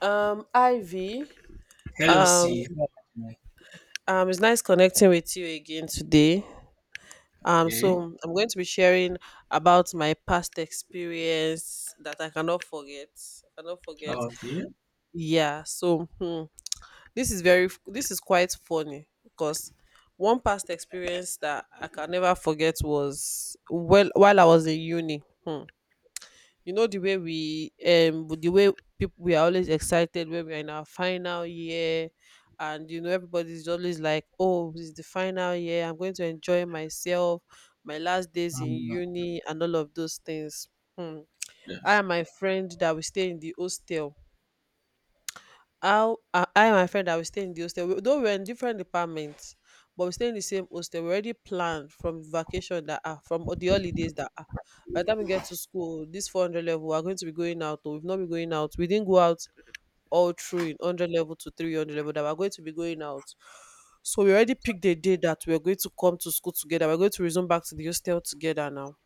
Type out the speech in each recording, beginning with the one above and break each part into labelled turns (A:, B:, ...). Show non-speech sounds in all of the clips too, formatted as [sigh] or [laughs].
A: Ivy,
B: Hello,
A: um,
B: C.
A: it's nice connecting with you again today. So
B: Okay.
A: I'm going to be sharing about my past experience that I cannot forget. I cannot forget.
B: Okay.
A: Yeah. So this is quite funny because one past experience that I can never forget was, well, while I was in uni. Hmm. You know the way we the way people we are always excited when we are in our final year. And you know everybody's always like, oh, this is the final year, I'm going to enjoy myself, my last days in
B: Um,
A: uni, and all of those things. Hmm. I
B: yes.
A: and my friend that we stay in the hostel how I and my friend that we stay in the hostel, though we're in different departments, but we stay in the same hostel. We already planned from vacation that, from the holidays that, by the time we get to school, this 400 level, we're going to be going out. Or we've not been going out. We didn't go out all through in 100 level to 300 level that we're going to be going out. So we already picked the day that we're going to come to school together. We're going to resume back to the hostel together now.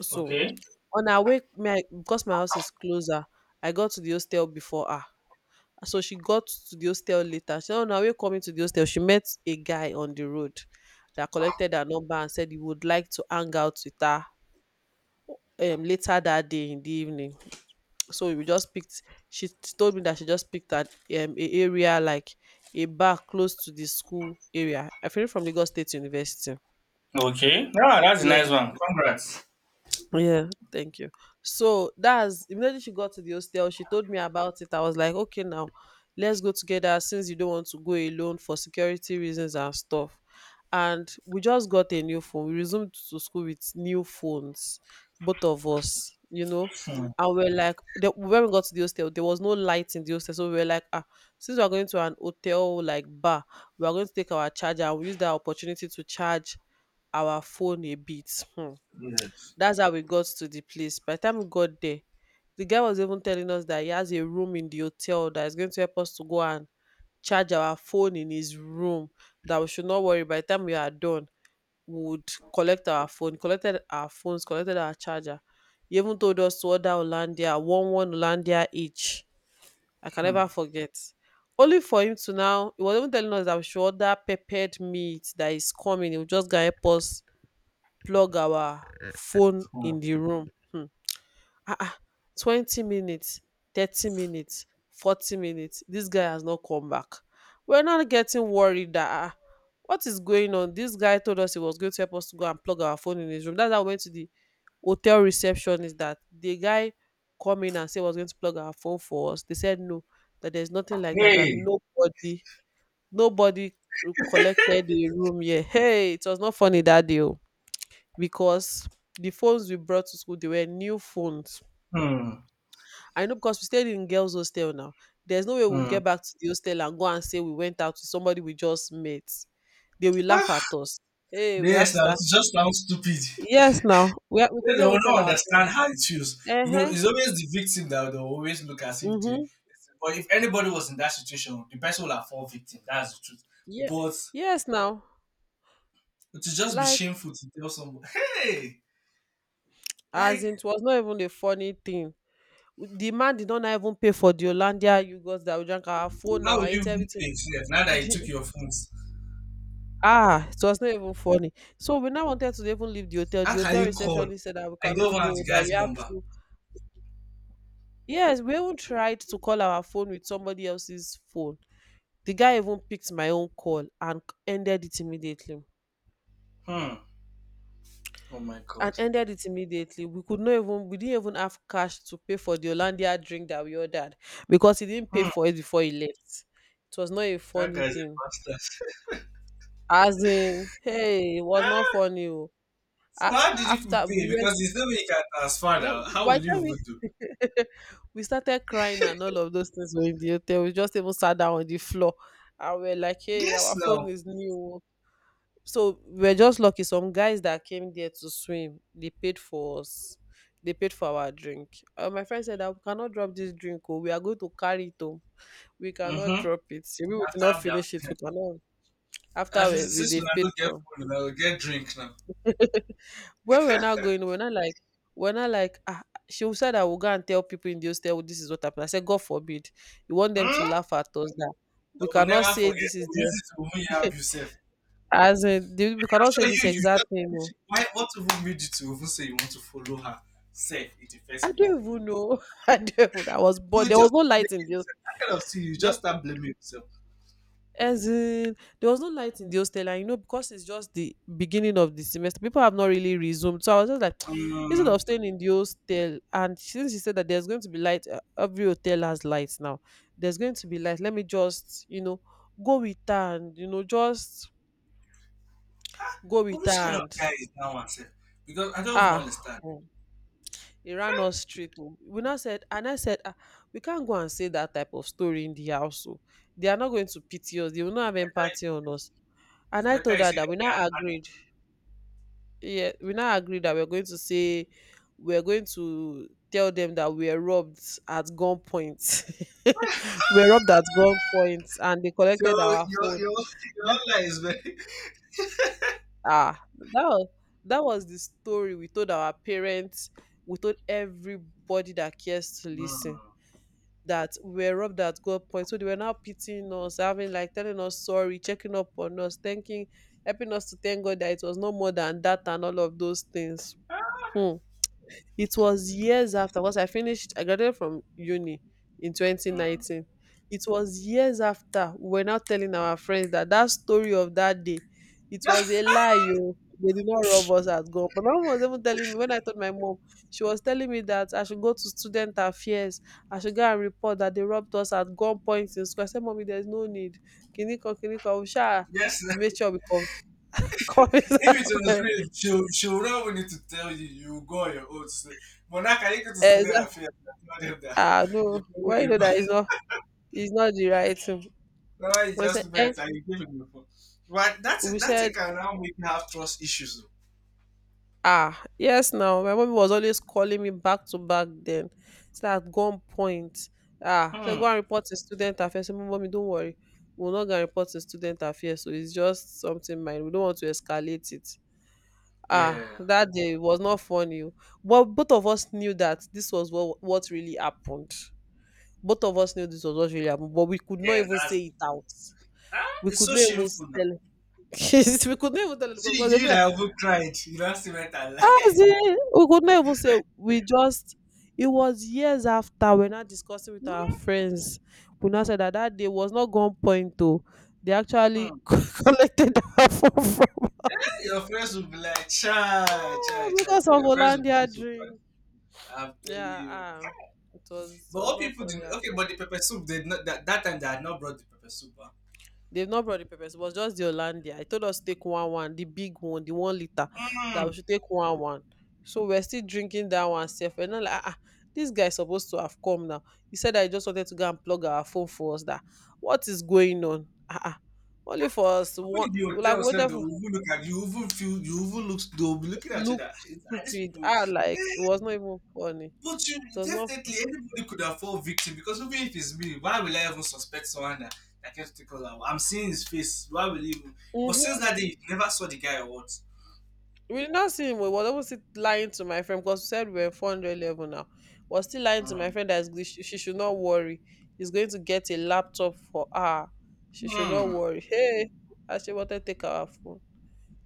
A: So
B: Okay.
A: on our way, because my house is closer, I got to the hostel before her. So she got to the hostel later. So on her way coming to the hostel, she met a guy on the road that collected her number and said he would like to hang out with her later that day in the evening. So we just picked. She told me that she just picked at a area like a bar close to the school area. I think from Lagos State University.
B: Okay. Ah, that's a
A: Yeah.
B: nice one. Congrats.
A: Yeah, thank you. So that's immediately she got to the hostel, she told me about it. I was like, okay, now let's go together since you don't want to go alone for security reasons and stuff. And we just got a new phone. We resumed to school with new phones, both of us, you know.
B: Hmm.
A: And we're like, when we got to the hostel, there was no light in the hostel. So we were like, since we're going to an hotel like bar, we are going to take our charger and we use that opportunity to charge our phone a bit.
B: Yes.
A: That's how we got to the place. By the time we got there, the guy was even telling us that he has a room in the hotel that is going to help us to go and charge our phone in his room. That we should not worry. By the time we are done, we would collect our phone. Collected our phones. Collected our charger. He even told us to order Olandia, one one Olandia each. I can
B: Hmm.
A: never forget. Only for him to now, he was even telling us that we should order peppered meat that is coming. He will just go help us plug our phone
B: Hmm.
A: in the room. Ah ah 20 minutes, 30 minutes, 40 minutes, this guy has not come back. We're now getting worried that, what is going on. This guy told us he was going to help us to go and plug our phone in his room. That's how we went to the hotel receptionist, that the guy come in and say he was going to plug our phone for us. They said no, that there's nothing like that, that
B: Hey.
A: nobody collected the room. Yeah. Hey, it was not funny that day. Oh. Because the phones we brought to school, they were new phones.
B: Hmm.
A: I know because we stayed in girls' hostel now. There's no way we'll
B: Hmm.
A: get back to the hostel and go and say we went out with somebody we just met. They will laugh
B: Ah,
A: at us. Hey, we had
B: yes,
A: to
B: that
A: start.
B: just sounds stupid.
A: Yes, now we
B: They
A: could
B: they
A: not
B: will
A: even tell
B: not
A: our parents.
B: understand how it feels. You
A: Uh
B: know,
A: huh.
B: it's always the victim that will always look as if the.
A: Hmm.
B: But if anybody was in that situation, the person will have fall victim. That's the truth.
A: Yeah.
B: But
A: Yes, now,
B: it will just be
A: like,
B: shameful to tell someone, hey,
A: as
B: like.
A: in, it was not even a funny thing. The man did not even pay for the Olandia yogurt that we drank. Our phone,
B: How
A: our
B: will you
A: ate
B: even
A: everything.
B: pay yourself now that you
A: [laughs]
B: took your phones?
A: Ah, it was not even funny. So we now wanted to even leave the hotel.
B: How
A: The
B: can
A: hotel
B: you call?
A: receptionist said that we
B: I don't
A: cannot
B: even have the
A: go, that we
B: guy's
A: have
B: number.
A: to. Yes, we even tried to call our phone with somebody else's phone. The guy even picked my own call and ended it immediately.
B: Hmm. Oh my
A: And
B: god.
A: ended it immediately. We didn't even have cash to pay for the Hollandia drink that we ordered because he didn't pay
B: Hmm.
A: for it before he left. It was not a
B: That
A: funny
B: guy's a
A: thing.
B: bastard.
A: As in, hey, it was not funny. Oh. A-
B: So how did you people
A: After we
B: pay?
A: were
B: Because there's no way you can transfer
A: Wh-
B: now. How will
A: By the
B: you
A: time
B: even do?
A: [laughs] we started crying and all of those things were in the hotel, we just even sat down on the floor and we're like, hey,
B: Yes
A: our phone
B: now.
A: is new. So we're just lucky. Some guys that came there to swim, they paid for us. They paid for our drink. My friend said that we cannot drop this drink. Oh, we are going to carry it home. We cannot
B: Mm-hmm.
A: drop it. If we did not
B: After
A: finish
B: that.
A: it, we cannot.
B: At
A: After we,
B: least
A: we
B: since we
A: they've paid
B: don't get
A: for.
B: phone, now we will get drink now.
A: When we're not going, we're not like, ah, she said I will go and tell people in the hostel this is what happened. I said, God forbid. You want them to
B: Hmm?
A: laugh at us that
B: They
A: we
B: will
A: cannot
B: never
A: say
B: forget.
A: this
B: They
A: is
B: will use
A: the,
B: it to even help yourself.
A: as in, we cannot say
B: I'm sure
A: this
B: you you
A: exact thing. Oh.
B: just why what even made you to even say you want to follow her? Safe in the
A: I
B: first place.
A: don't even know. [laughs] I don't even, I was
B: You
A: bored.
B: will
A: There
B: just
A: was no
B: be
A: light
B: blaming
A: in the,
B: yourself. That kind of thing, you
A: there
B: just start blaming yourself.
A: as in, there was no light in the hostel, and you know, because it's just the beginning of the semester, people have not really resumed. So I was just like, [tsk] instead
B: Um,
A: of staying in the hostel, and since she said that there's going to be light, every hotel has lights now. There's going to be light. Let me just, go with her and you know, just go
B: but
A: with her
B: which kind of
A: and
B: guy is that one, sir? Because I don't even
A: ah.
B: understand.
A: Oh. He ran us straight home. We now said, and I said, we can't go and say that type of story in the house. So they are not going to pity us. They will not
B: It's
A: have
B: better,
A: empathy on us.
B: it's
A: And I
B: better
A: told
B: you
A: her
B: say
A: that
B: that
A: we now
B: they
A: agreed. Yeah, we
B: are angry, like
A: now
B: that.
A: agreed that we're going to tell them that we are robbed at gunpoint. [laughs] We are robbed at gunpoint, and they
B: So
A: collected our
B: your your
A: phone.
B: your
A: That,
B: own life is very.
A: ah, that was that was the story we told our parents. We told everybody that cares to listen
B: Mm.
A: that we were robbed at gunpoint. So they were now pitying us, having like telling us sorry, checking up on us, thanking, helping us to thank God that it was no more than that and all of those things. Hmm. It was years after, cause I graduated from uni in
B: Mm.
A: 2019. It was years after we were now telling our friends that that story of that day, it was a
B: [laughs]
A: lie. Oh. They did not rob us at gun. My mom was even telling me when I told my mom, she was telling me that I should go to student affairs. I should go and report that they robbed us at gunpoint in school. I said, Mommy, there's no need. Kiniko, Kiniko, we shall
B: Yes, sir.
A: make sure we come. [laughs] come
B: If it was real, she'll, she'll not even need to tell you. You will go on your own to say, Monarch, are you go to see their
A: Exactly.
B: affair? Tell them that
A: Ah,
B: you
A: no.
B: followed
A: Why, you
B: him
A: know
B: back.
A: that it's not the right thing.
B: [laughs] Now you
A: We said,
B: just met and you gave him the phone. But
A: we
B: that's it
A: said,
B: can now make you have trust issues.
A: yes, now my mommy was always calling me back to back then. So at one point, so go
B: Hmm.
A: and report to student affairs. So, mommy, don't worry, we're not gonna report to student affairs. So it's just something minor. We don't want to escalate it. Ah,
B: Yeah.
A: that day was not funny. O. But both of us knew that this was what really happened. Both of us knew this was what really happened, but we could not
B: Yes,
A: even say
B: that's,
A: it out.
B: ah,
A: We
B: it's
A: could
B: so
A: not even
B: shameful now.
A: tell. [laughs] We could not even tell
B: See
A: because they'll
B: you
A: be like.
B: that even cried. You don't see what I like.
A: Yes, we could not even say we just. It was years after we're not discussing with our friends. We now said that that day was not gone point to. They actually
B: Hmm.
A: [laughs] collected our phone from
B: [laughs] Your
A: us.
B: friends will be like, cha, cha,
A: Yeah,
B: cha,
A: because
B: cha.
A: of
B: Your friends will be so
A: Hollandia
B: surprised.
A: drink.
B: I'm telling
A: Yeah,
B: you.
A: it was
B: But
A: it was
B: all
A: not
B: people
A: funny
B: didn't
A: at.
B: okay, but the pepper soup they did not that, that time they had not brought the pepper soup. Huh?
A: They've not brought the peppers. It was just the Hollandia. I told us to take one one, the big one, the 1 liter, that we
B: Mm.
A: should take one one. So we're still drinking that one self. And I'm like, this guy is supposed to have come now. He said, I just wanted to go and plug our phone for us. That, what is going on? Ah. Only for us
B: Even
A: one
B: in the
A: like
B: hotel, self, they
A: whatever
B: will even look at you, even feel, you even look, they'll be looking at you
A: look
B: that, "Ah, these
A: stupid.
B: people."
A: Ah, like it was not even funny.
B: But you
A: It was not.
B: definitely anybody could have fall victim because even if it's me, why will I even suspect someone that that gets to call out? I'm seeing his face. Why will he even? But since
A: Mm-hmm.
B: that day, you never saw the guy or what?
A: We did not see him. We was always lying to my friend because we said we were 400 level now. Was still lying to my
B: Hmm.
A: friend that she should not worry. He's going to get a laptop for her. She should not
B: Hmm.
A: worry. [laughs] Hey, I she wanted to take our phone.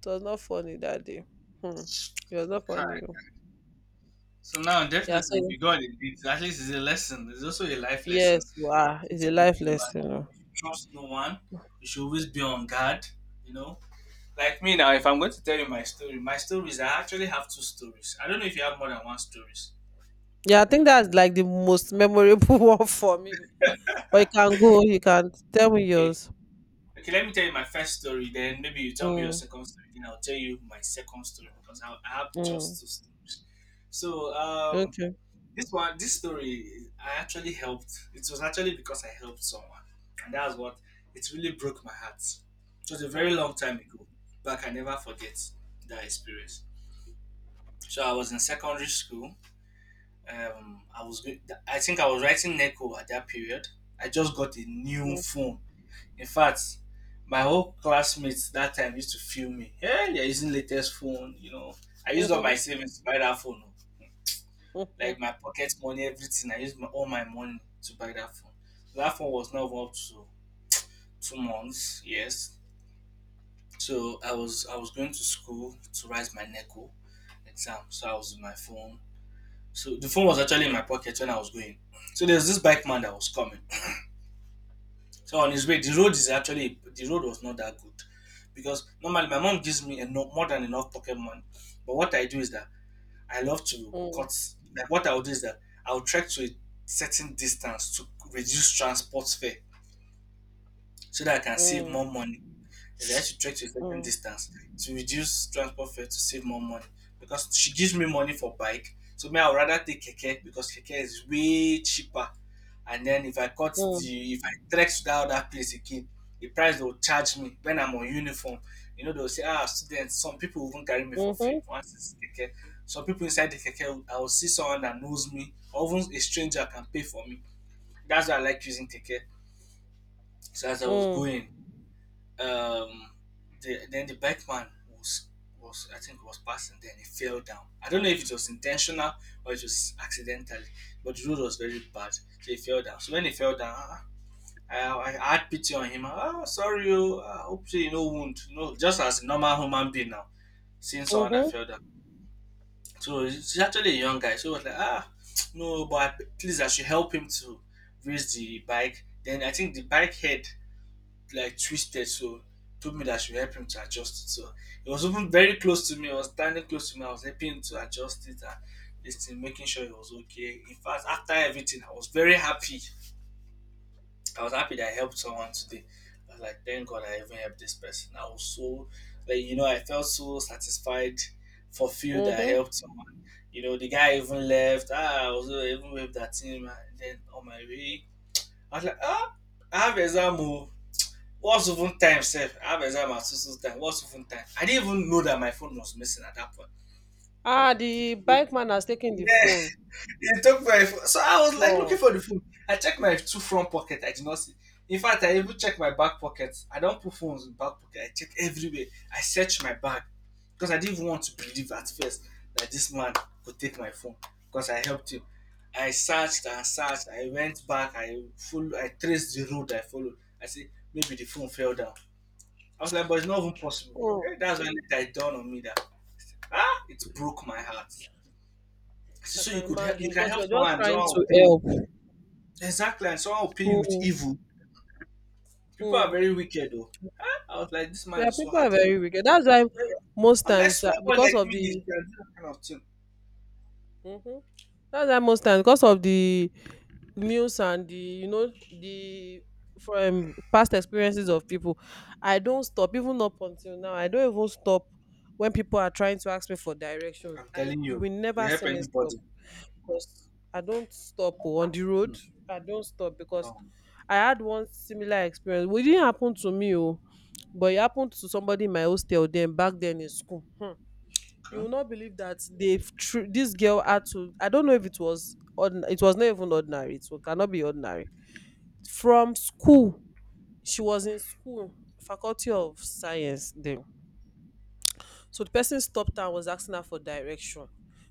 A: It was not funny that day. Hmm. It was not funny,
B: Kai.
A: oh.
B: So now,
A: Yeah,
B: definitely, if
A: so
B: you got it, it's, at least it's a lesson. It's also a life lesson.
A: yes, wow.
B: Something
A: It's a
B: to always
A: life
B: remember
A: lesson, oh.
B: that you trust no one. You should always be on guard. You know, like me now. If I'm going to tell you my story, my stories, I actually have two stories. I don't know if you have more than one stories.
A: Yeah, I think that's like the most memorable [laughs] one for me. But you can tell me
B: Okay.
A: yours.
B: Okay, let me tell you my first story. Then maybe you tell me your
A: Mm,
B: second story. Then I'll tell you my second story because I have
A: mm.
B: just two stories. So
A: Okay.
B: this one, this story, I actually helped. It was actually because I helped someone, and that's what it really broke my heart. It was a very
A: Mm,
B: long time ago, but I can never forget that experience. So I was in secondary school. Um, I was. go- I think I was writing Neco at that period. I just got a new
A: mm,
B: phone. In fact, my whole classmates that time used to film me. Yeah, they're using latest phone, you know. I used all my
A: mhm,
B: savings to buy that phone. Oh.
A: mhm,
B: Like my pocket money, everything. I used all my money to buy that phone. That phone was not even up to 2 months, yes. So I was going to school to write my NECO exam. So I was in my phone. So the phone was actually in my pocket when I was going. So there's this bike man that was coming. So on his way, the road was not that good because normally my mom gives me enough more than enough pocket money. But what I do is that I love to
A: mm,
B: cut. Like what I'll do is that I'll trek to a certain distance to reduce transport fare so that I can save
A: mm,
B: more money, is I should trek to a certain
A: mm,
B: distance to reduce transport fare to save more money because she gives me money for bike. So me, I would rather take keke because keke is way cheaper. And then if I cut
A: mm,
B: the if I trek to that other place again, the price they will charge me when I'm on uniform. You know, they'll say, ah, students, some people will even carry me for free
A: mhm,
B: once it's keke. Some people inside the keke, I will see someone that knows me, or even a stranger can pay for me. That's why I like using keke. So as I was
A: mm,
B: going, um, the, then the bike man was I think was passing. Then he fell down. I don't know if it was intentional or it was accidentally, but the road was very bad, so he fell down. So when he fell down, ah, I had pity on him. Ah, sorry, oh, I hope you no wound. No, just as a normal human being now, seeing someone that
A: mhm,
B: fell down. So he's actually a young guy. So he was like, ah, no, but I, please, I should help him to raise the bike. Then I think the bike head like twisted, so told me that she would help him to adjust it. So he was even very close to me. I was standing close to me. I was helping him to adjust it and this making sure he was okay. In fact, after everything, I was very happy. I was happy that I helped someone today. I was like, thank God I even helped this person. I was so, like, you know, I felt so satisfied, fulfilled that I
A: mhm.
B: helped someone. You know, the guy even left. Ah, I was even with that team. And then on my way, I was like, ah, I have exam. Oh. What's even time, Sir, I was at my sister's time. What's even time? I didn't even know that my phone was missing at that point.
A: Ah, the bike man has taken the
B: Yeah, [laughs]
A: phone.
B: it took my phone. So I was like looking
A: Wow.
B: for the phone. I checked my two front pocket. I did not see. In fact, I even checked my back pocket. I don't put phones in back pocket. I check everywhere. I searched my bag because I didn't even want to believe at first that this man could take my phone because I helped him. I searched and searched. I went back. I full. I traced the road I followed. I said maybe the phone fell down. I was like, but it's not even possible.
A: Mm.
B: Okay, that's when it dawned on me that, ah, it broke my heart.
A: I
B: So
A: can
B: you could help, you
A: imagine
B: can
A: because we
B: help
A: are just
B: someone, and
A: trying
B: someone will
A: to
B: pay you
A: help.
B: exactly, and someone will pay you with
A: Mm,
B: evil. People are
A: mm.
B: very wicked, though. Ah, I was like, this man
A: Yeah,
B: is so
A: people are
B: heartless.
A: very wicked. That's why
B: Eh,
A: most
B: I was like,
A: times,
B: small boy like
A: because of
B: me is
A: the,
B: can do that kind of thing.
A: hmm that's why most times, because of the news and the you know the from past experiences of people, I don't stop even up until now. I don't even stop when people are trying to ask me for directions.
B: I'm
A: I
B: telling
A: You
B: you,
A: will
B: you
A: never
B: help
A: see me stop
B: anybody.
A: because I don't stop, oh, on the road.
B: Hmm,
A: I don't stop because
B: no,
A: I had one similar experience. Well, it didn't happen to me, oh, but it happened to somebody in my hostel then, back then in school. Hmm. You
B: okay.
A: will not believe that this girl had to, I don't know if it was it was not even ordinary. Cannot be ordinary. From school, she was in school, faculty of science then, so the person stopped her and was asking her for direction.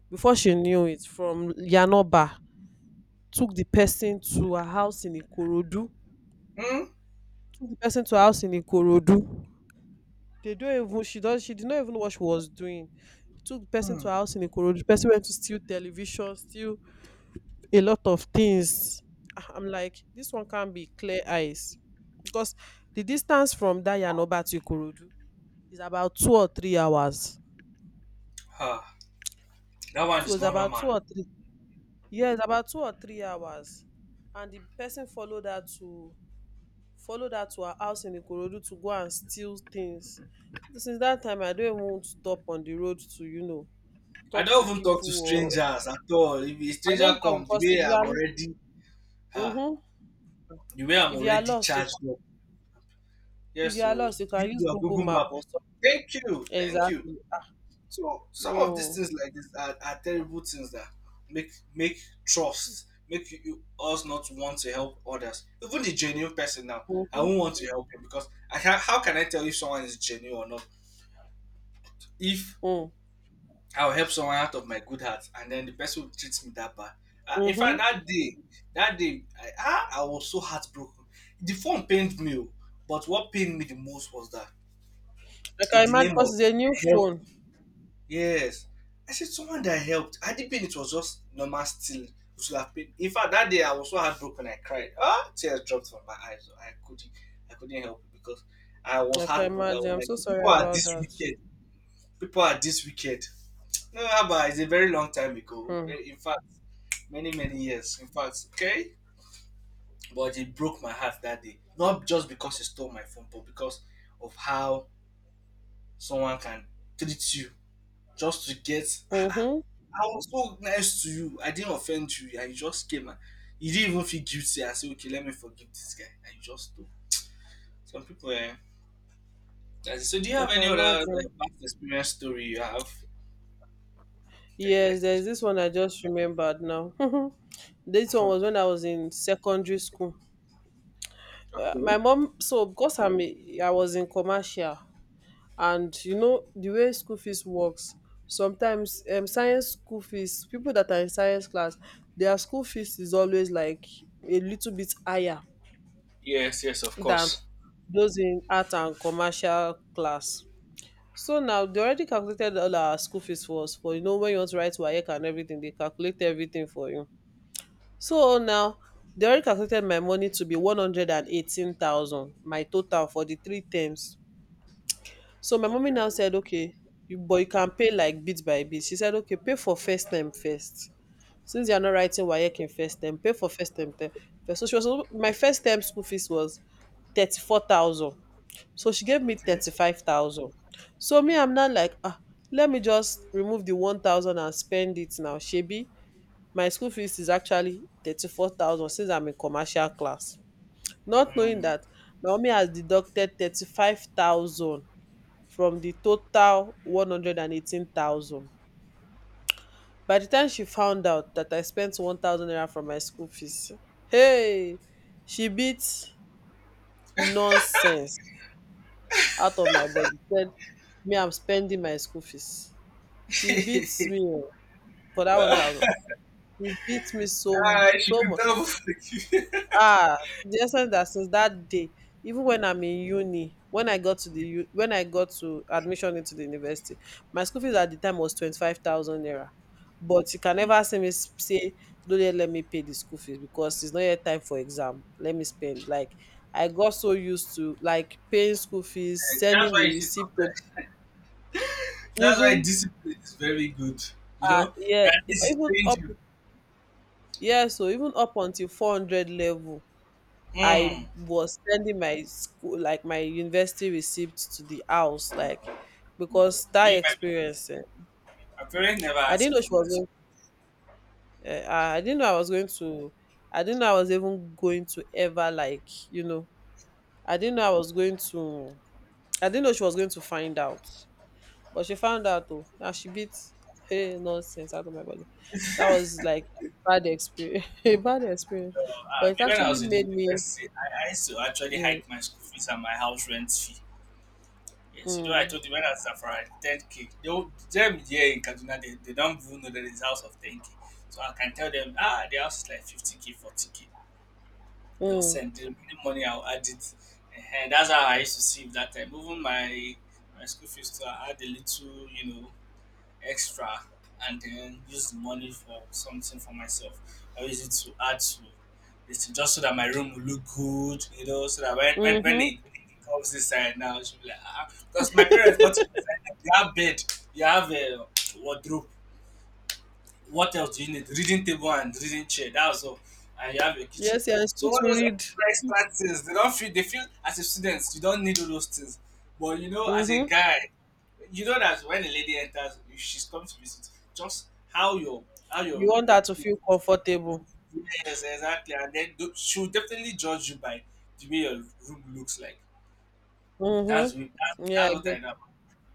A: Before she knew it, from Yanoba, took the person to her house in Ikorodu.
B: Hmm.
A: Took the person to her house in ikorodu They don't even. She did not even know what she was doing. Took the person to her
B: Hmm.
A: house in Ikorodu. The person went to steal television, steal a lot of things. Ah, I'm like, this one can't be clear eyes because the distance from Dayanoba to Ikorodu is about 2 or 3 hours.
B: Ah, that one
A: So
B: is
A: it's
B: not
A: about two
B: normal.
A: or three. Yeah, it's about 2 or 3 hours. And the person followed her to her house in Ikorodu to go and steal things. Since that time, I don't even want to stop on the road to, you know,
B: I
A: talk to
B: don't even talk to
A: people. Or
B: strangers at all. If a
A: I
B: stranger
A: don't talk
B: comes, the
A: because
B: way
A: if you
B: I'm
A: are,
B: already, ah,
A: mm-hmm,
B: the way I'm
A: if you are
B: already
A: lost, you
B: charged.
A: can if
B: Yes,
A: you are
B: so
A: lost, you can
B: use
A: use
B: your
A: Google
B: Google
A: Map
B: map.
A: or,
B: Thank you, thank you.
A: exactly, ah,
B: So some of these
A: no.
B: things like this are terrible things that make make trust, make you, us not want to help others. Even the genuine person now, I
A: Mm-hmm.
B: won't want to help him because I can, how can I tell if someone is genuine or not? If
A: Mm.
B: I'll help someone out of my good heart and then the person will treat me that bad. In fact,
A: Mm-hmm.
B: that day, I was so heartbroken. The phone pained me, oh, but what pained me the most was that
A: I
B: in
A: can
B: the
A: imagine
B: name of.
A: because it's a new phone.
B: Yes. I said someone that helped. Had it been it was just normal stealing, we should have paid. In fact, that day I was so heartbroken I cried. Ah, tears dropped from my eyes. I couldn't help it because I
A: Like,
B: was
A: I can
B: heartbroken. I
A: imagine.
B: was
A: I'm so
B: like, people
A: sorry
B: are
A: about
B: this
A: that.
B: wicked. People are this wicked. No, but it's a very long time ago.
A: Hmm.
B: Very- In fact, many, many years. In fact, okay. But it broke my heart that day. Not just because he stole my phone, but because of how someone can treat you just to get. I
A: Mm-hmm.
B: was so nice to you. I didn't offend you. I just came and you didn't even feel guilty. I said, okay, let me forgive this guy. I just stop. Some people, eh? That's it. So, do you
A: I
B: have
A: can
B: any other
A: imagine.
B: past experience story you have that you like
A: Yes,
B: to
A: there's this one I just remembered now. [laughs] This one
B: tell?
A: was when
B: [laughs]
A: I was in secondary school.
B: Okay.
A: My mom, so because I was in commercial, and you know the way school fees works. Sometimes science school fees, people that are in science class, their school fees is always like a little bit higher
B: Yes, yes, of
A: than
B: course.
A: those in art and commercial class. So now they already calculated all our school fees for us. For, you know, when you want to write WAEC and everything, they calculate everything for you. So now they already calculated my money to be 118,000, my total for the three terms. So my mommy
B: Okay,
A: now said, okay, you, but you can pay like bit by bit. She said, okay, pay for first term first. Since you are not writing WAEC in first term, pay for first term. So she was My first term school fees was 34,000, so she gave me
B: okay.
A: 35,000. So me, I'm not like, ah, let me just remove the 1,000 and spend it now. Shebi, my school fees is actually 34,000 since I'm in commercial class. Not knowing
B: Mm.
A: that Naomi has deducted 35,000 from the total 118,000. By the time she found out that I spent 1,000 naira from my school fees, hey, she beat nonsense out of my body. Said me, I'm spending my school fees. She beats me, o, for that 1,000. She beats me so
B: Ah, she
A: so
B: could
A: much.
B: tell. [laughs]
A: Ah, to the extent that since that day, even when I'm in uni, when I got to when I got to admission into the university, my school fees at the time was 25,000 naira. But you can
B: Hmm.
A: never see me say, "Don't let me pay the school fees because it's not yet time for exam. Let me spend." Like I got so used to like paying school fees,
B: Eh, that's
A: sending the
B: why she's
A: receipt to
B: sometimes. That's why
A: even,
B: discipline is very good. You
A: uh,
B: know,
A: yeah,
B: at least it
A: even
B: trained
A: up,
B: you.
A: yeah, so even up until 400 level I
B: Mm.
A: was sending my school, like my university receipt, to the house,
B: No,
A: like
B: no.
A: because that
B: Me, my,
A: experience, eh,
B: my parents never
A: I
B: asked
A: didn't
B: me
A: know she
B: for my.
A: was going eh, uh, i didn't know i was going to I didn't know I was even going to ever like you know i didn't know i was going to I didn't know she was going to find out. But she found out though, and she beat, hey, nonsense out of my body. That was like a bad experience, [laughs] a bad experience.
B: So,
A: But it
B: me when I
A: actually
B: was in the
A: made me.
B: university, I used to actually
A: Mm,
B: hike my school fees and my house rent fee. Yes, you know, I
A: mm,
B: told you when I was for 10k, they would, them here in Kaduna, they don't even know that it's house of 10k. So I can tell them, ah, the house is like 50k, 40k. They'll
A: mm,
B: send the remaining money, I'll add it. And that's how I used to see it that time. Even my my school fees, too, I had a little, you know, extra and then use the money for something for myself or use it to add to it's just so that my room will look good, you know, so that
A: mm-hmm.
B: when it comes inside now, she'll be like, ah, ah," because my parents not inside, you have bed, you have a wardrobe, what else do you need? Reading table and reading chair. That's all. And you have your kitchen.
A: Yes, yeah, it's
B: So
A: good
B: all
A: to
B: those
A: read.
B: extra extra things, they don't feel. They feel as a student, you don't need all those things. But you know, as a
A: Mm-hmm.
B: guy, you know that when a lady enters, if she's come to visit, just how
A: You want her
B: your
A: to
B: plate.
A: feel comfortable.
B: Yes, exactly. And then she'll definitely judge you by the way your room looks like.
A: Mm-hmm. Yeah,
B: That's
A: I
B: what I
A: get.
B: know.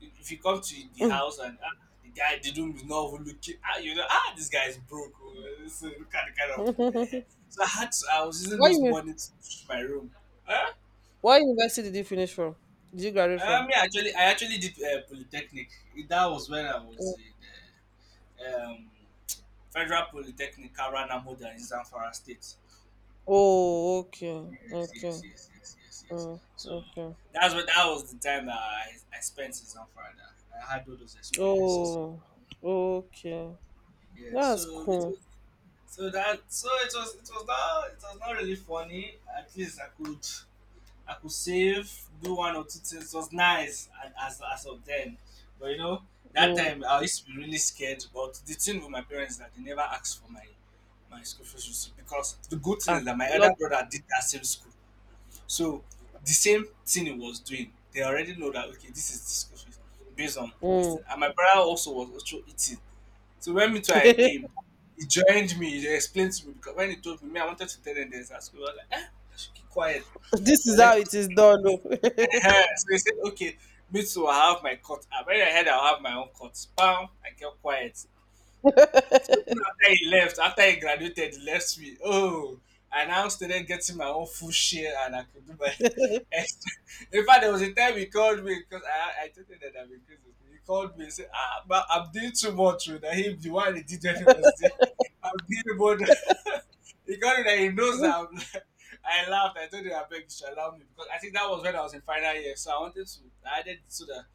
B: If you come to the
A: Mm.
B: house and ah, the guy didn't know who looking, ah, you know, ah, this guy is broke. Oh, so look at the kind of. Eh, so I had to, I was using
A: What
B: those
A: you?
B: money to reach my room. Huh?
A: What university did you finish from? Did you graduate
B: I
A: from?
B: mean, actually, I actually did polytechnic. That was when I
A: Mm.
B: was in uh, um, Federal Polytechnic, Karana Moda in Zamfara State.
A: Oh, okay,
B: Yes,
A: okay,
B: yes, yes, yes, yes, yes.
A: mm,
B: So
A: okay.
B: that's what that was the time that I spent in Zamfara. That I had all those experiences.
A: Oh, okay.
B: Yeah,
A: That's
B: so it was
A: cool.
B: so that so it was it was not really funny. At least I could save, do one or two things. It was nice and as of then. But you know, that
A: Mm.
B: time I used to be really scared. But the thing with my parents is that they never asked for my my school fees receipt because the good thing
A: Ah,
B: is that my other
A: lucky.
B: brother did that same school. So the same thing he was doing, they already know that okay, this is the school fees based on this
A: Mm.
B: thing. And my brother also was also eating. So when me too I came,
A: [laughs]
B: he joined me, he explained to me because when he told me, me I wanted to tell them this at school. I was like, eh, I should keep quiet.
A: This
B: And
A: is
B: let
A: how
B: us
A: it is done, oh.
B: Ehen. So he said, okay, me too, I'll have my cut. I when I heard I'll have my own cut, bam, I kept quiet. Even after he left, after he graduated, he left me. Oh, I now started getting my own full share and I could do my [laughs] extra. In fact, there was a time he called me because I told him that I'm increasing. He called me and said, "Ah, but I'm doing too much. Oh, that he, the one he did when he was there, [laughs] I'm doing more than—" [laughs] he called me that he knows that
A: [laughs]
B: I'm. [laughs] I laughed. I told him I beg you should allow me because I think that was when I was in final year. So I wanted to, I added so that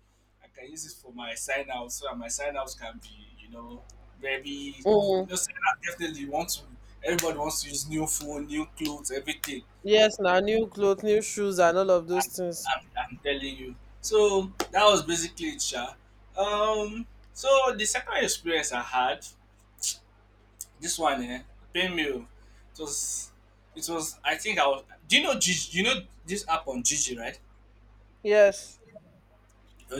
B: I can use it for my sign out so that my sign outs can be, you know, very you
A: Mm.
B: know, sign out definitely you want to everybody wants to use new phone, new clothes, everything.
A: Yes, now new clothes, new shoes, and all of those
B: I'm,
A: things.
B: I'm telling you. So that was basically it, Sha. Um, so the second experience I had, this one eh, pain meal. It was it was I think I was do you know Gigi, you know this app on Gigi, right?
A: Yes,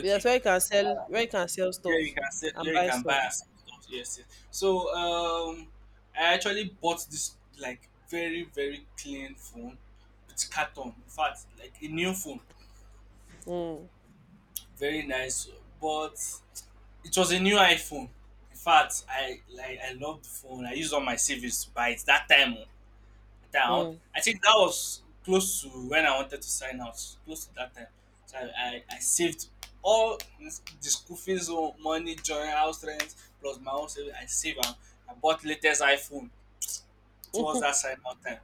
A: yes, where you can sell, where you can sell
B: Yeah, you
A: stuff
B: can sell,
A: and
B: yeah, you
A: buy
B: can buy
A: stuff.
B: and sell stuff. Yes, yes. So I actually bought this like very very clean phone with carton. In fact, like a new phone,
A: Mm.
B: very nice. But it was a new iPhone. In fact, I like I loved the phone. I used all my savings to buy it that time. Oh, down.
A: Mm.
B: I think that was close to when I wanted to sign out, close to that time. So I saved all this, the school fees, oh, money, joint house rent, plus my own savings. I saved and I bought latest iPhone towards that
A: [laughs]
B: sign out time.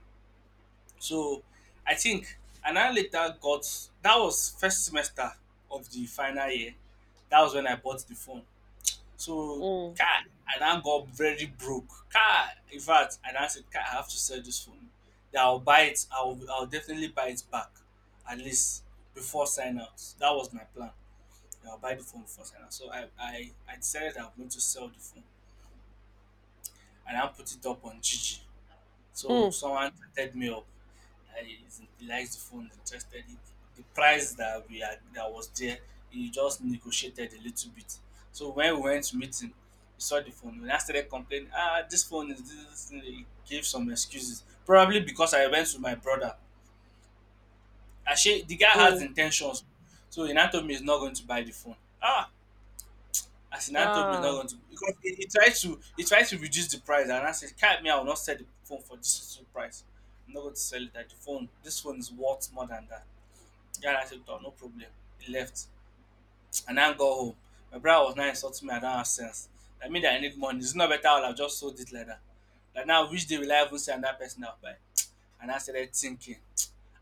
B: So I think and I later got that was first semester of the final year. That was when I bought the phone. So
A: Mm.
B: car, I now got very broke. Car, in fact, I now said, car, I have to sell this phone. Then I'll buy it. I'll definitely buy it back, at least before sign out. That was my plan. Then I'll buy the phone before sign out. So I I decided I'm going to sell the phone and I put it up on Gigi. So
A: Mm.
B: someone chatted me up. I, he likes the phone, interested. He, the price that we had, that was there, he just negotiated a little bit. So when we went to meet him, he saw the phone. When I started complaining, "Ah, this phone is this, this thing," he gave some excuses. Probably because I went with my brother. Actually, the guy has
A: Mm.
B: intentions. So he now told me he's not going to buy the phone. Ah, as in, Anthony is not
A: Ah.
B: going to because he, he tried to reduce the price, and I said, "Can't me, I will not sell the phone for this little price. I'm not going to sell it at the phone. This phone is worth more than that." Yeah, and I said, "Oh, no problem." He left, and I go home. My brother was not insulting me. I don't have sense. That means that I need money. It's not better. I'll have just sold it like that. Like now, which day will I even send that person out by? And I started thinking.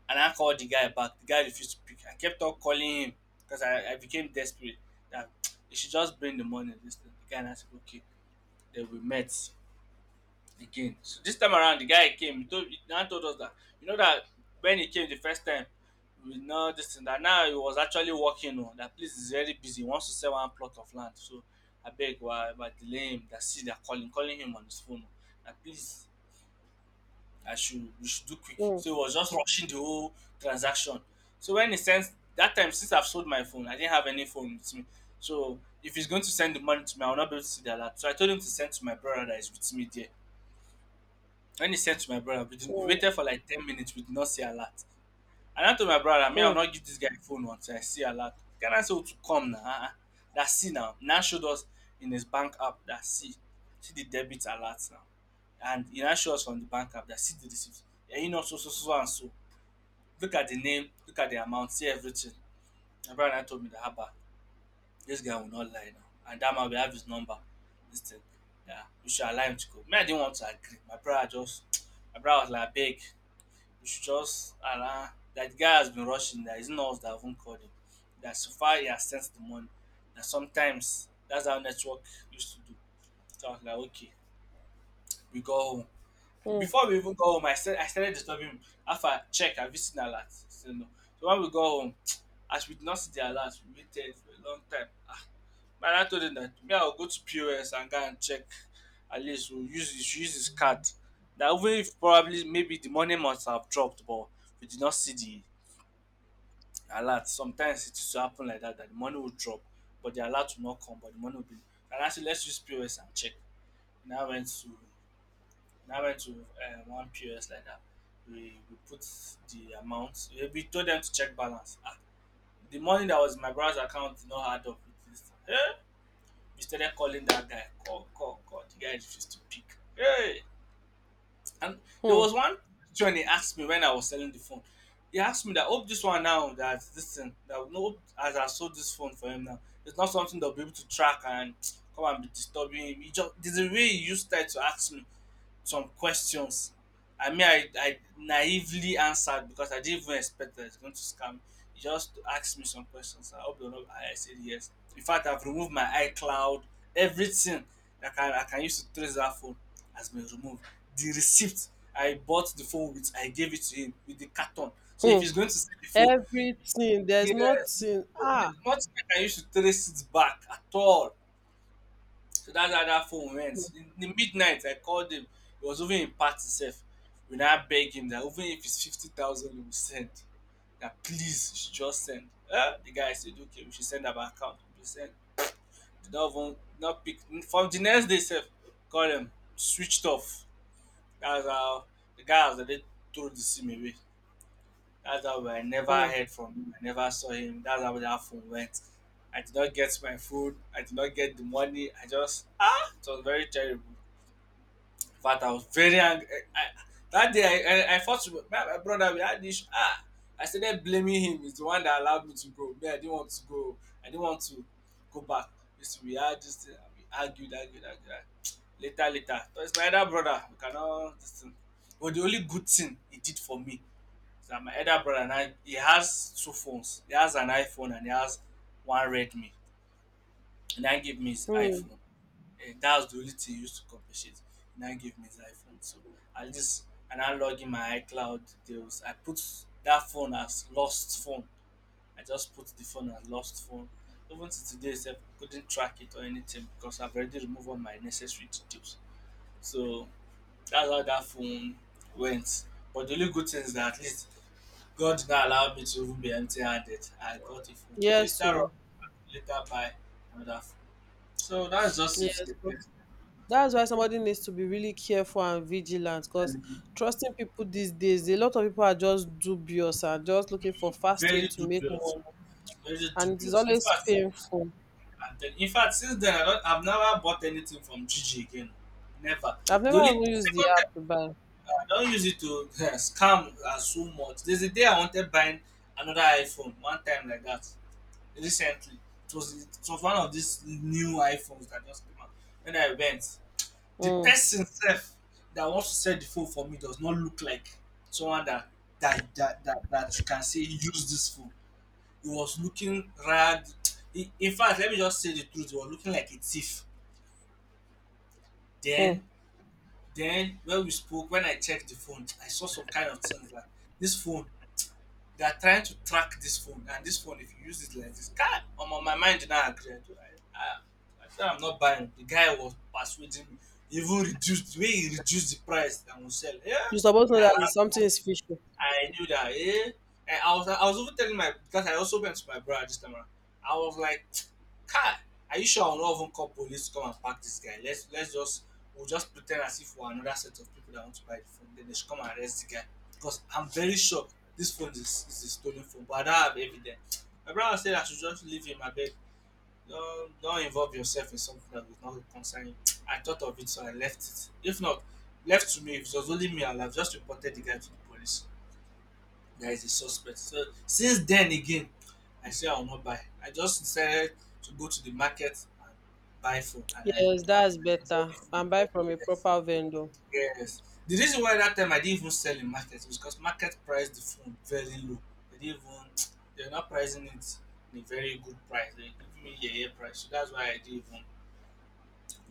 B: And I called the guy back. The guy refused to pick. I kept on calling him because I became desperate that [tsk] he should just bring the money. This thing. The guy and I said, okay. Then we met again. So this time around, the guy came. He told he now told us that you know that when he came the first time, we know this and that now he was actually working on that place is very busy. He wants to sell one plot of land. So I beg why about delay him that see they're calling him on his phone. Oh, that please I should we should do quick.
A: Mm.
B: So he was just rushing the whole transaction. So when he sends that time since I've sold my phone, I didn't have any phone with me. So if he's going to send the money to me, I will not be able to see the alert. So I told him to send to my brother that is with me there. When he sent to my brother, we, didn't, we
A: Mm.
B: waited for like 10 minutes, we did not see alert. And I told my brother, me, I'll
A: Mm.
B: not give this guy phone once. I see alert. Can I say to come now? Uh-uh. That see now. Now showed us in his bank app that see. See the debit alert now. And he now showed us from the bank app that see the receipt. Yeah, you know, so, so, so, so and so. Look at the name, look at the amount, see everything. My brother now told me that, Haba, this guy will not lie now. And that man will have his number. This thing. Yeah, we should allow him to go. Me, I didn't want to agree. My brother just, my brother was like, big. You should just allow that guy has been rushing. That it's not us that haven't called him. That so far he has sent the money. That sometimes that's how network used to do. So I was like, okay, we go home.
A: Mm.
B: Before we even go home, I said I started disturbing him. After I check, have you seen alert? He said no. So when we go home, [tsk] as we did not see the alert, we waited for a long time. Ah, man, I told him that me, I'll go to POS and go and check. At least we'll use his card. That even if probably maybe the money must have dropped, but we did not see the alert. Sometimes it will happen like that, that the money will drop, but the alert will not come, but the money will be. And I said, let's use POS and check. And I went to, and I went to one POS like that. We put the amount. We told them to check balance. Ah, the money that was in my brother's account did not add up with this. Hey, we started calling that guy. Call, call, call. The guy refused to pick. Hey. And there
A: Mm.
B: was one when he asked me when I was selling the phone. He asked me that hope this one now that this thing that no as I sold this phone for him now. It's not something they'll be able to track and [tsk] come and be disturbing him. He just there's a way he used that to ask me some questions. I mean, I naively answered because I didn't even expect that it's going to scam me. He just asked me some questions. I hope you're not. I said yes. In fact, I've removed my iCloud, everything that I can use to trace that phone has been removed. The receipt I bought the phone with, I gave it to him with the carton. So if he's
A: Mm.
B: going to sell the phone,
A: Everything. There's
B: yes,
A: nothing.
B: there's
A: Ah.
B: nothing I can use to trace it back at all. So that's how that phone went. In the midnight, I called him. He was even in party sef. When I begged him that even if it's 50,000, he will send. That please, you should just send. Eh? The guy said, okay, we should send our account. We should send. Did not even, not pick. From the next day, sef, call him, switched off. That's how the guy has already threw the sim away. That's how I never
A: Mm.
B: heard from him. I never saw him. That's how that phone went. I did not get my food. I did not get the money. I just, ah, it was very terrible. In fact, I was very angry. I, I- that day, I fought with my brother. We had this. Ah, I started blaming him. He's the one that allowed me to go. Me, I didn't want to go. I didn't want to go back. This we had this thing. And We argued, argued, argued, argued. [tsk] Later, later. So it's my elder brother. We cannot this thing. But the only good thing he did for me is that my elder brother and I, he has two phones. He has an iPhone and he has one Redmi. And I gave me his
A: Mm.
B: iPhone, that was the only thing used to compensate. He now gave me the iPhone. So at least I now log in my iCloud details. I put that phone as lost phone. I just put the phone as lost phone. Even to today sef couldn't track it or anything because I've already removed all my necessary details. So that's how that phone went. But the only good thing is that at least God now allowed me to even be empty handed. I got a phone. Then
A: Yes.
B: later on
A: So.
B: later buy another phone. So that's just
A: Yes. That's why somebody needs to be really careful and vigilant because
B: it.
A: trusting people these days, a lot of people are just dubious and just looking for fast way
B: Very
A: to make money.
B: dubious, very
A: And it is
B: dubious. In
A: always
B: fact,
A: painful.
B: and then, in fact, since then I don't, I've never bought anything from Gigi again. Never.
A: I've
B: The
A: never
B: only
A: even
B: the
A: used the
B: second
A: app
B: time
A: to buy.
B: I don't use it to [laughs] scam as so much. There's a day I wanted buying another iPhone one time like that recently. It was one of these new iPhones that just came out. When I went, the
A: Mm,
B: person self that wants to sell the phone for me does not look like someone that that you can say use this phone. He was looking ragged. He- In fact, let me just say the truth. He was looking like a thief.
A: mm.
B: Then, then when we spoke, when I checked the phone, I saw some kind of things like this phone. They are trying to track this phone, and this phone, if you use it like this, guy, on my mind did not agree. I said I'm not buying. The guy was persuading me. Even reduced, the way he reduced the price and will sell. Yeah,
A: You supposed to
B: I
A: know that
B: ran.
A: something is fishy.
B: I knew that, eh? And I was even telling my, because I also went to my brother this time around. I was like, [tsk] Kai, are you sure I'll not even call police to come and pack this guy? Let's just we'll just pretend as if we're another set of people that want to buy the phone. Then they should come and arrest the guy because I'm very sure this phone is a stolen phone, but I don't have evidence. My brother said I should just leave him. I beg, don't involve yourself in something that is not concern you. I thought of it, so I left it. If not, left to me, if it was only me, I'd have just reported the guy to the police. There is a suspect. So since then again, I say I will not buy. I just decided to go to the market and buy phone and I
A: Yes, that's
B: sell the
A: better.
B: phone.
A: And buy from a
B: Yes.
A: proper vendor.
B: Yes. The reason why that time I didn't even sell in market was because market priced the phone very low. They didn't even [tsk] they're not pricing it in a very good price. They give me a year price. So that's why I didn't even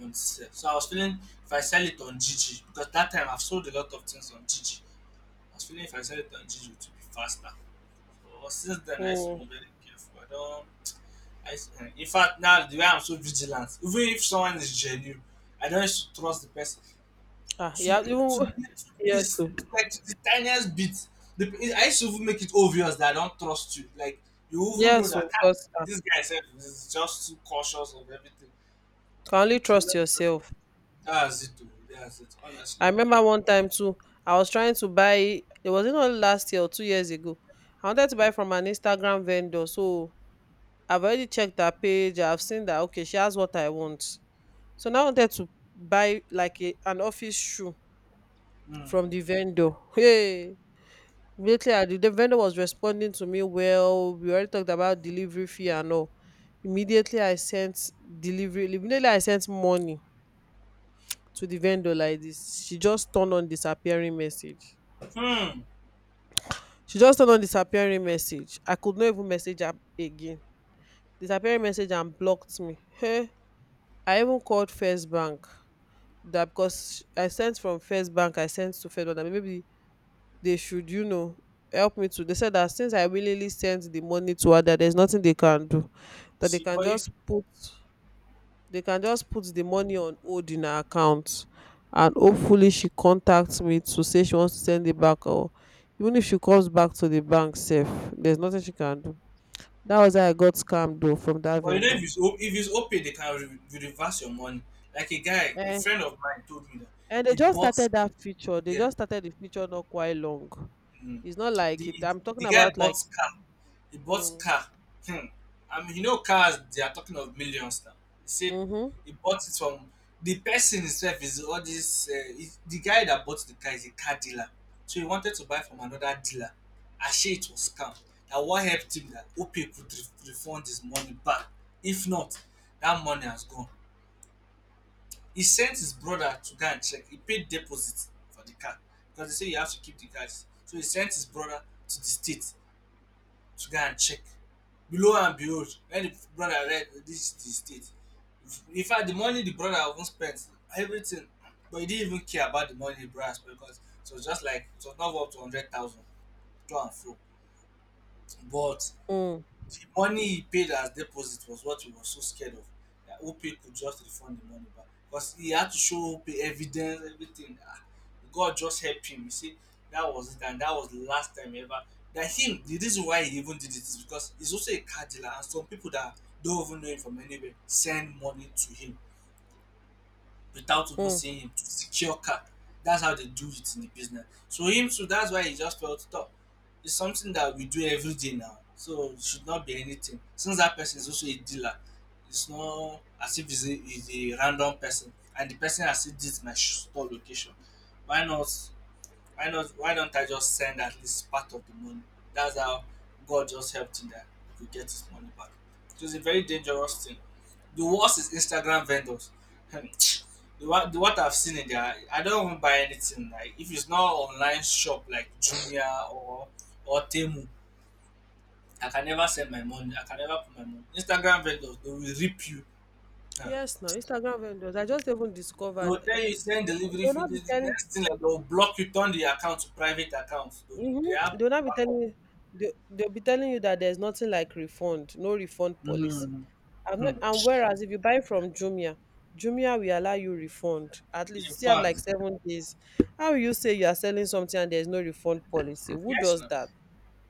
B: want to sell. So I was feeling if I sell it on Gigi, because that time I've sold a lot of things on Gigi. I was feeling if I sell it on Gigi it would be faster. But since then, I used to
A: Mm.
B: be very careful. I don't. I used to- in fact, now the way I'm so vigilant, even if someone is genuine, I don't used to trust the person
A: Ah,
B: to
A: yeah,
B: to,
A: even,
B: to
A: [laughs] yes,
B: this
A: so
B: like to the tiniest bit. The, I used to even make it obvious that I don't trust you. Like you even know
A: yes,
B: that
A: so
B: ah,
A: because, ah,
B: this guy said is just too cautious of everything.
A: you can only
B: So
A: trust
B: that-
A: yourself.
B: that's it. Though. That's it.
A: I
B: Honestly.
A: remember one time too, I was trying to buy, it was not last year or 2 years ago. I wanted to buy from an Instagram vendor. So I've already checked her page. I've seen that, okay, she has what I want. So now I wanted to buy like a, an office shoe from
B: Hmm.
A: the vendor. Hey, immediately I did, the vendor was responding to me well. We already talked about delivery fee and all. Immediately I sent immediately I sent money to the vendor like this. She just turned on disappearing message.
B: Hmm.
A: I could not even message her again. Disappearing message and blocked me. Hey, I even called First Bank. That because I sent from First Bank, I sent to Fed, that maybe they should, you know, help me to. They said that since I willingly sent the money to her, that there's nothing they can do.
B: You
A: That they
B: see,
A: can
B: but if
A: just put, the money on hold in her account, and hopefully she contacts me to say she wants to send it back, or even if she comes back to the bank, safe, there's nothing she can do. That was how I got scammed though from that
B: but you know,
A: vendor.
B: if it's O- if it's OPay, they can re- re- reverse your money. Like a guy, a
A: Eh,
B: friend of mine told me that
A: and they
B: he
A: just
B: bought,
A: started that feature. They
B: yeah,
A: just started the feature not quite long.
B: mm,
A: It's not like it.
B: the
A: I'm
B: the
A: talking
B: guy
A: about
B: bought
A: like,
B: car. He bought
A: mm,
B: car. Hmm. I mean, you know, cars they are talking of millions now. He said
A: mm-hmm,
B: he bought it from the person himself is all this. Is- the guy that bought the car is a car dealer, so he wanted to buy from another dealer. Actually, it was scam. That what helped him that OPay could re- refund his money back. If not, that money has gone. He sent his brother to go and check. He paid deposit for the car because they say you have to keep the cars. So he sent his brother to the state to go and check. Below and behold, when the brother read this is the state. In fact, the money the brother even spent, everything, but he didn't even care about the money the brother spent because it was just like it was not up to 100,000 to and fro. But
A: mm,
B: the money he paid as deposit was what he was so scared of that Opay could just refund the money back because he had to show Opay evidence, everything. Ah, God just helped him. You see, that was it, and that was the last time ever. That him, the reason why he even did it is because he's also a car dealer, and some people that don't even know him from anywhere send money to him without even
A: mm.
B: seeing him to secure cap. That's how they do it in the business. So him too, that's why he just felt top. It's something that we do every day now. So it should not be anything. Since that person is also a dealer, it's not as if he's a random person. And the person has said this my store location. Why not why not? Why don't I just send at least part of the money? That's how God just helped him that he could get his money back. It was a very dangerous thing. The worst is Instagram vendors. [tsk] The what I've seen in there, I don't even buy anything. Like if it's not online shop like Jumia or Temu, I can never send my money. I can never put my money. Instagram vendors they will rip you. Huh.
A: Yes, no Instagram vendors. I just even
B: They
A: discovered
B: will tell
A: that
B: you send
A: they
B: delivery
A: will
B: fee.
A: not be
B: The
A: telling.
B: next thing like they will block you, turn the account to private account. They
A: Mm-hmm,
B: have
A: they'll not be
B: backup.
A: telling. They'll be telling you that there's nothing like refund, no refund policy.
B: Mm,
A: And,
B: hmm.
A: and whereas if you buy from Jumia, Jumia will allow you refund. At least you
B: In
A: still have like
B: fact,
A: 7 days. How will you say you are selling something and there's no refund policy? Who
B: yes,
A: does
B: no.
A: that?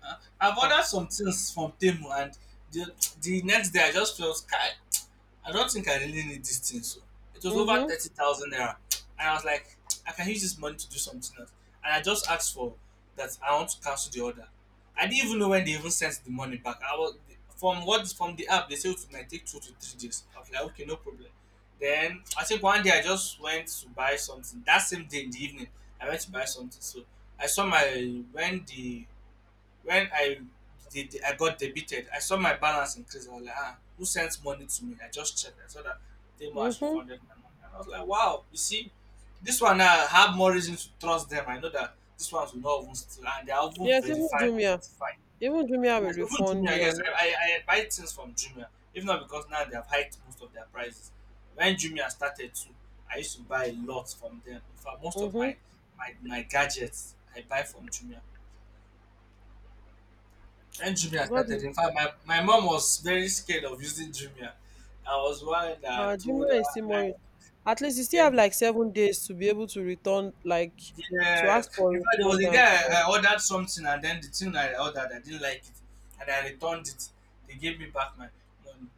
B: Uh, I've
A: Ah.
B: ordered some things from Temu, and the, the next day I just felt sky. I don't think I really need this thing. So it was over
A: Mm-hmm.
B: ₦30,000, and I was like, I can use this money to do something else. And I just asked for that. I want to cancel the order. I didn't even know when they even sent the money back. I was from the app they said it might take 2 to 3 days. I was like, okay, no problem. Then I think one day I just went to buy something. That same day in the evening, I went to buy something. So I saw my when I did, I got debited, I saw my balance increase. I was like, ah, who sent money to me? I just checked. I saw that Temo has
A: Mm-hmm.
B: refunded my money. And I was like, wow, you see, this one I have more reason to trust them. I know that this ones will not even steal, and they are even
A: Yes, even
B: verified and
A: Jumia.
B: certified.
A: Even Jumia will
B: Yes, even
A: refund
B: Jumia,
A: you
B: yes,
A: and
B: I buy things from Jumia, if not because now they have hiked most of their prices. When Jumia started too, I used to buy a lot from them. In fact, most of
A: mm-hmm.
B: my gadgets I buy from Jumia. And Jumia
A: God,
B: started, in fact, my mom was very scared of using Jumia. I was one that told her,
A: Jumia is still
B: I,
A: more, at least you still have
B: yes,
A: like 7 days to be able to return, like to
B: yes.
A: ask for
B: In fact, there was
A: refund
B: a day
A: and stuff.
B: I ordered something and then the thing I ordered, I didn't like it. And I returned it. They gave me back my money.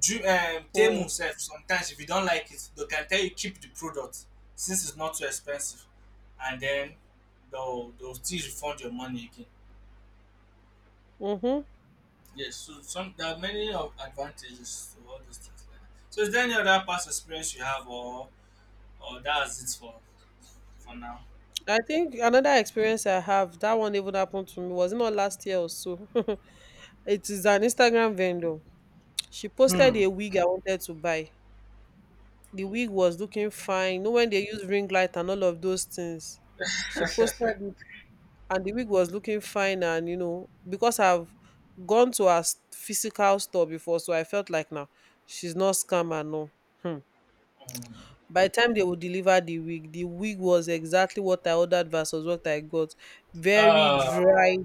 A: Mm.
B: Temu self, sometimes if you don't like it, they can tell you keep the product since it's not too expensive. And then they'll still refund your money again.
A: Mm-hmm.
B: Yes, so some there are many of advantages to all those things like that. So is there any other past experience you have or that's it for now?
A: I think another experience I have, that one even happened to me, was it not last year or so? [laughs] It is an Instagram vendor. She posted a wig I wanted to buy. The wig was looking fine. You know when they use ring light and all of those things. She posted it and the wig was looking fine, and, you know, because I've gone to her physical store before, so I felt like now she's not scammer, no. Hmm.
B: Um,
A: By the time they would deliver the wig was exactly what I ordered versus what I got. Very
B: uh
A: dry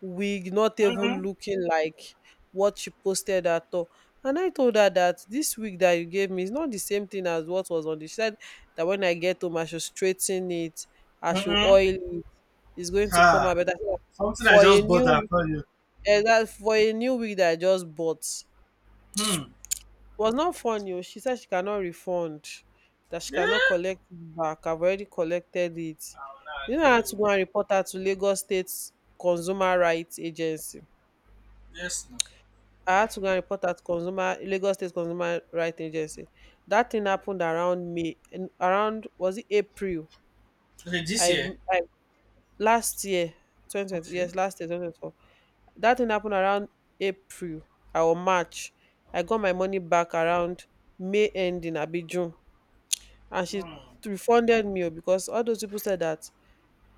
A: wig, not even
B: mm-mm,
A: looking like what she posted at all. And I told her that this wig that you gave me is not the same thing as what was on the. She said that when I get home, I should straighten it, I should
B: mm-mm.
A: oil it. It's going to come out
B: Ha.
A: better. I said,
B: Something I
A: for a
B: just bought and
A: new,
B: tell you.
A: eh, that for a new wig that I just bought,
B: Hmm.
A: was not funny, oh. She said she cannot refund, that she
B: Yeah.
A: cannot collect it back. I've already collected it.
B: I will not
A: You know, I
B: agree.
A: had to
B: Oh.
A: go and report her to Lagos State Consumer Rights Agency.
B: Yes, no.
A: I had to go and report at consumer Lagos State Consumer Right Agency. That thing happened around May, around, was it April?
B: Okay, this
A: I,
B: year.
A: I last year, 2020.
B: Okay.
A: Yes, last year, 2024. That thing happened around April or March. I got my money back around May ending, abi June, and she
B: Hmm.
A: refunded me, o, because all those people said that,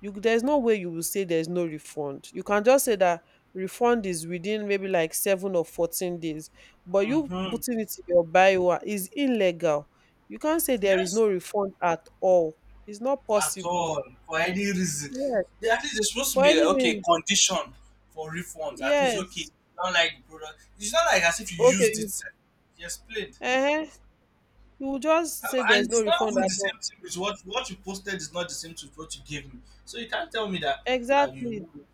A: you, there's no way you will say there's no refund. You can just say that refund is within maybe like seven or 14 days, but you
B: Mm-hmm.
A: putting it in your bio is illegal. You can't say there is
B: Yes.
A: no
B: No.
A: refund at all. It's not
B: At
A: possible.
B: all for any reason.
A: Yes.
B: At least there's supposed to
A: For
B: be a,
A: any
B: okay
A: reason.
B: condition for refunds. At least okay, you
A: Yes.
B: don't like the product. It's not like as if you
A: Okay.
B: used it.
A: You,
B: Sef. You explained.
A: uh-huh, you will just say
B: And
A: there's no
B: it's not
A: refund
B: even
A: at
B: the
A: all.
B: same thing. With what you posted is not the same to what you gave me. So you can't tell me that
A: Exactly.
B: you.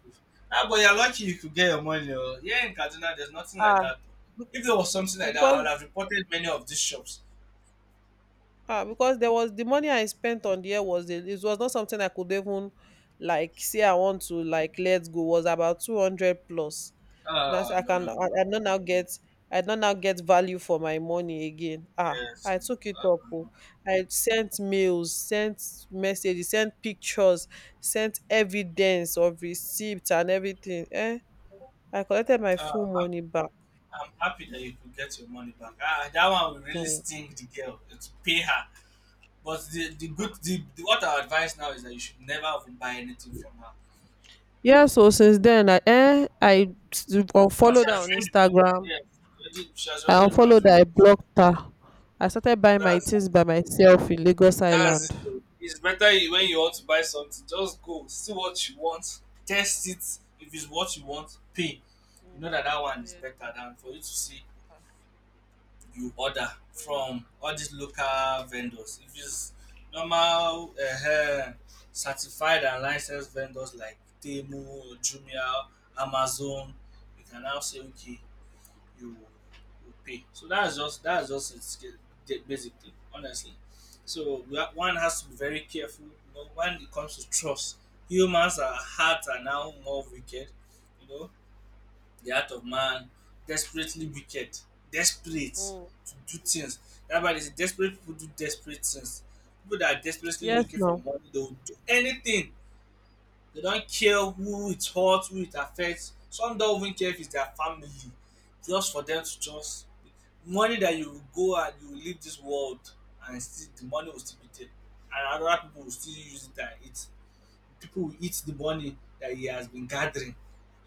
B: Ah, but you're lucky you could get your money. Oh. Here in Kaduna, there's nothing like
A: Ah.
B: that.
A: bec-
B: If there was something like that, I would have
A: Because,
B: reported many of these shops.
A: ah, because there was the money I spent on the air was it was not something I could even like say I want to like let go. Was about 200 plus. That's, I
B: No, no,
A: can,
B: no.
A: I don't now get value for my money again. Ah,
B: Yes.
A: I took it up, oh.
B: No.
A: I sent mails, sent messages, sent pictures, sent evidence of receipts and everything. Eh, I collected my
B: No.
A: full money back.
B: I'm happy that you could get your money back. Ah, that one will really
A: Hmm.
B: sting the girl to pay her. But the good, the what our advice now is that you should never even buy anything from her.
A: Yeah, so since then I
B: But she
A: unfollowed her
B: has
A: on
B: ruined the relationship.
A: Instagram.
B: Yes, she has already ruined the
A: I
B: relationship.
A: blocked her. I started buying my
B: That's it.
A: things by myself in Lagos
B: That's it,
A: Island.
B: though. It's better when you want to buy something, just go see what you want, test it. If it's what you want, pay. You know that
A: Mm-hmm.
B: that one is
A: Yes.
B: better than for you to see you order from all these local vendors. If it's normal, uh, certified and licensed vendors like Temu, Jumia, Amazon, you can now say, okay, you will pay. So that's just basically, honestly. So one has to be very careful. You know, when it comes to trust, humans are hearts are now more wicked. You know, the heart of man desperately wicked, desperate
A: Mm.
B: to do things. That's why they say desperate people do desperate things. People that are desperately
A: Yes,
B: looking for
A: now.
B: money, they will do anything. They don't care who it hurts, who it affects. Some don't even care if it's their family, just for them to just money, that you will go and you will leave this world, and still the money will still be there, and other people will still use it and eat. People will eat the money that he has been gathering.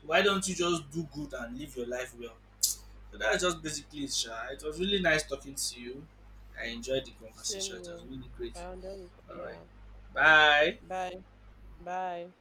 B: So why don't you just do good and live your life well? So that's just basically it, Sha. It was really nice talking to you. I enjoyed the
A: Same
B: conversation. It was
A: here.
B: really great.
A: I understand.
B: All right.
A: Yeah.
B: Bye.
A: Bye. Bye.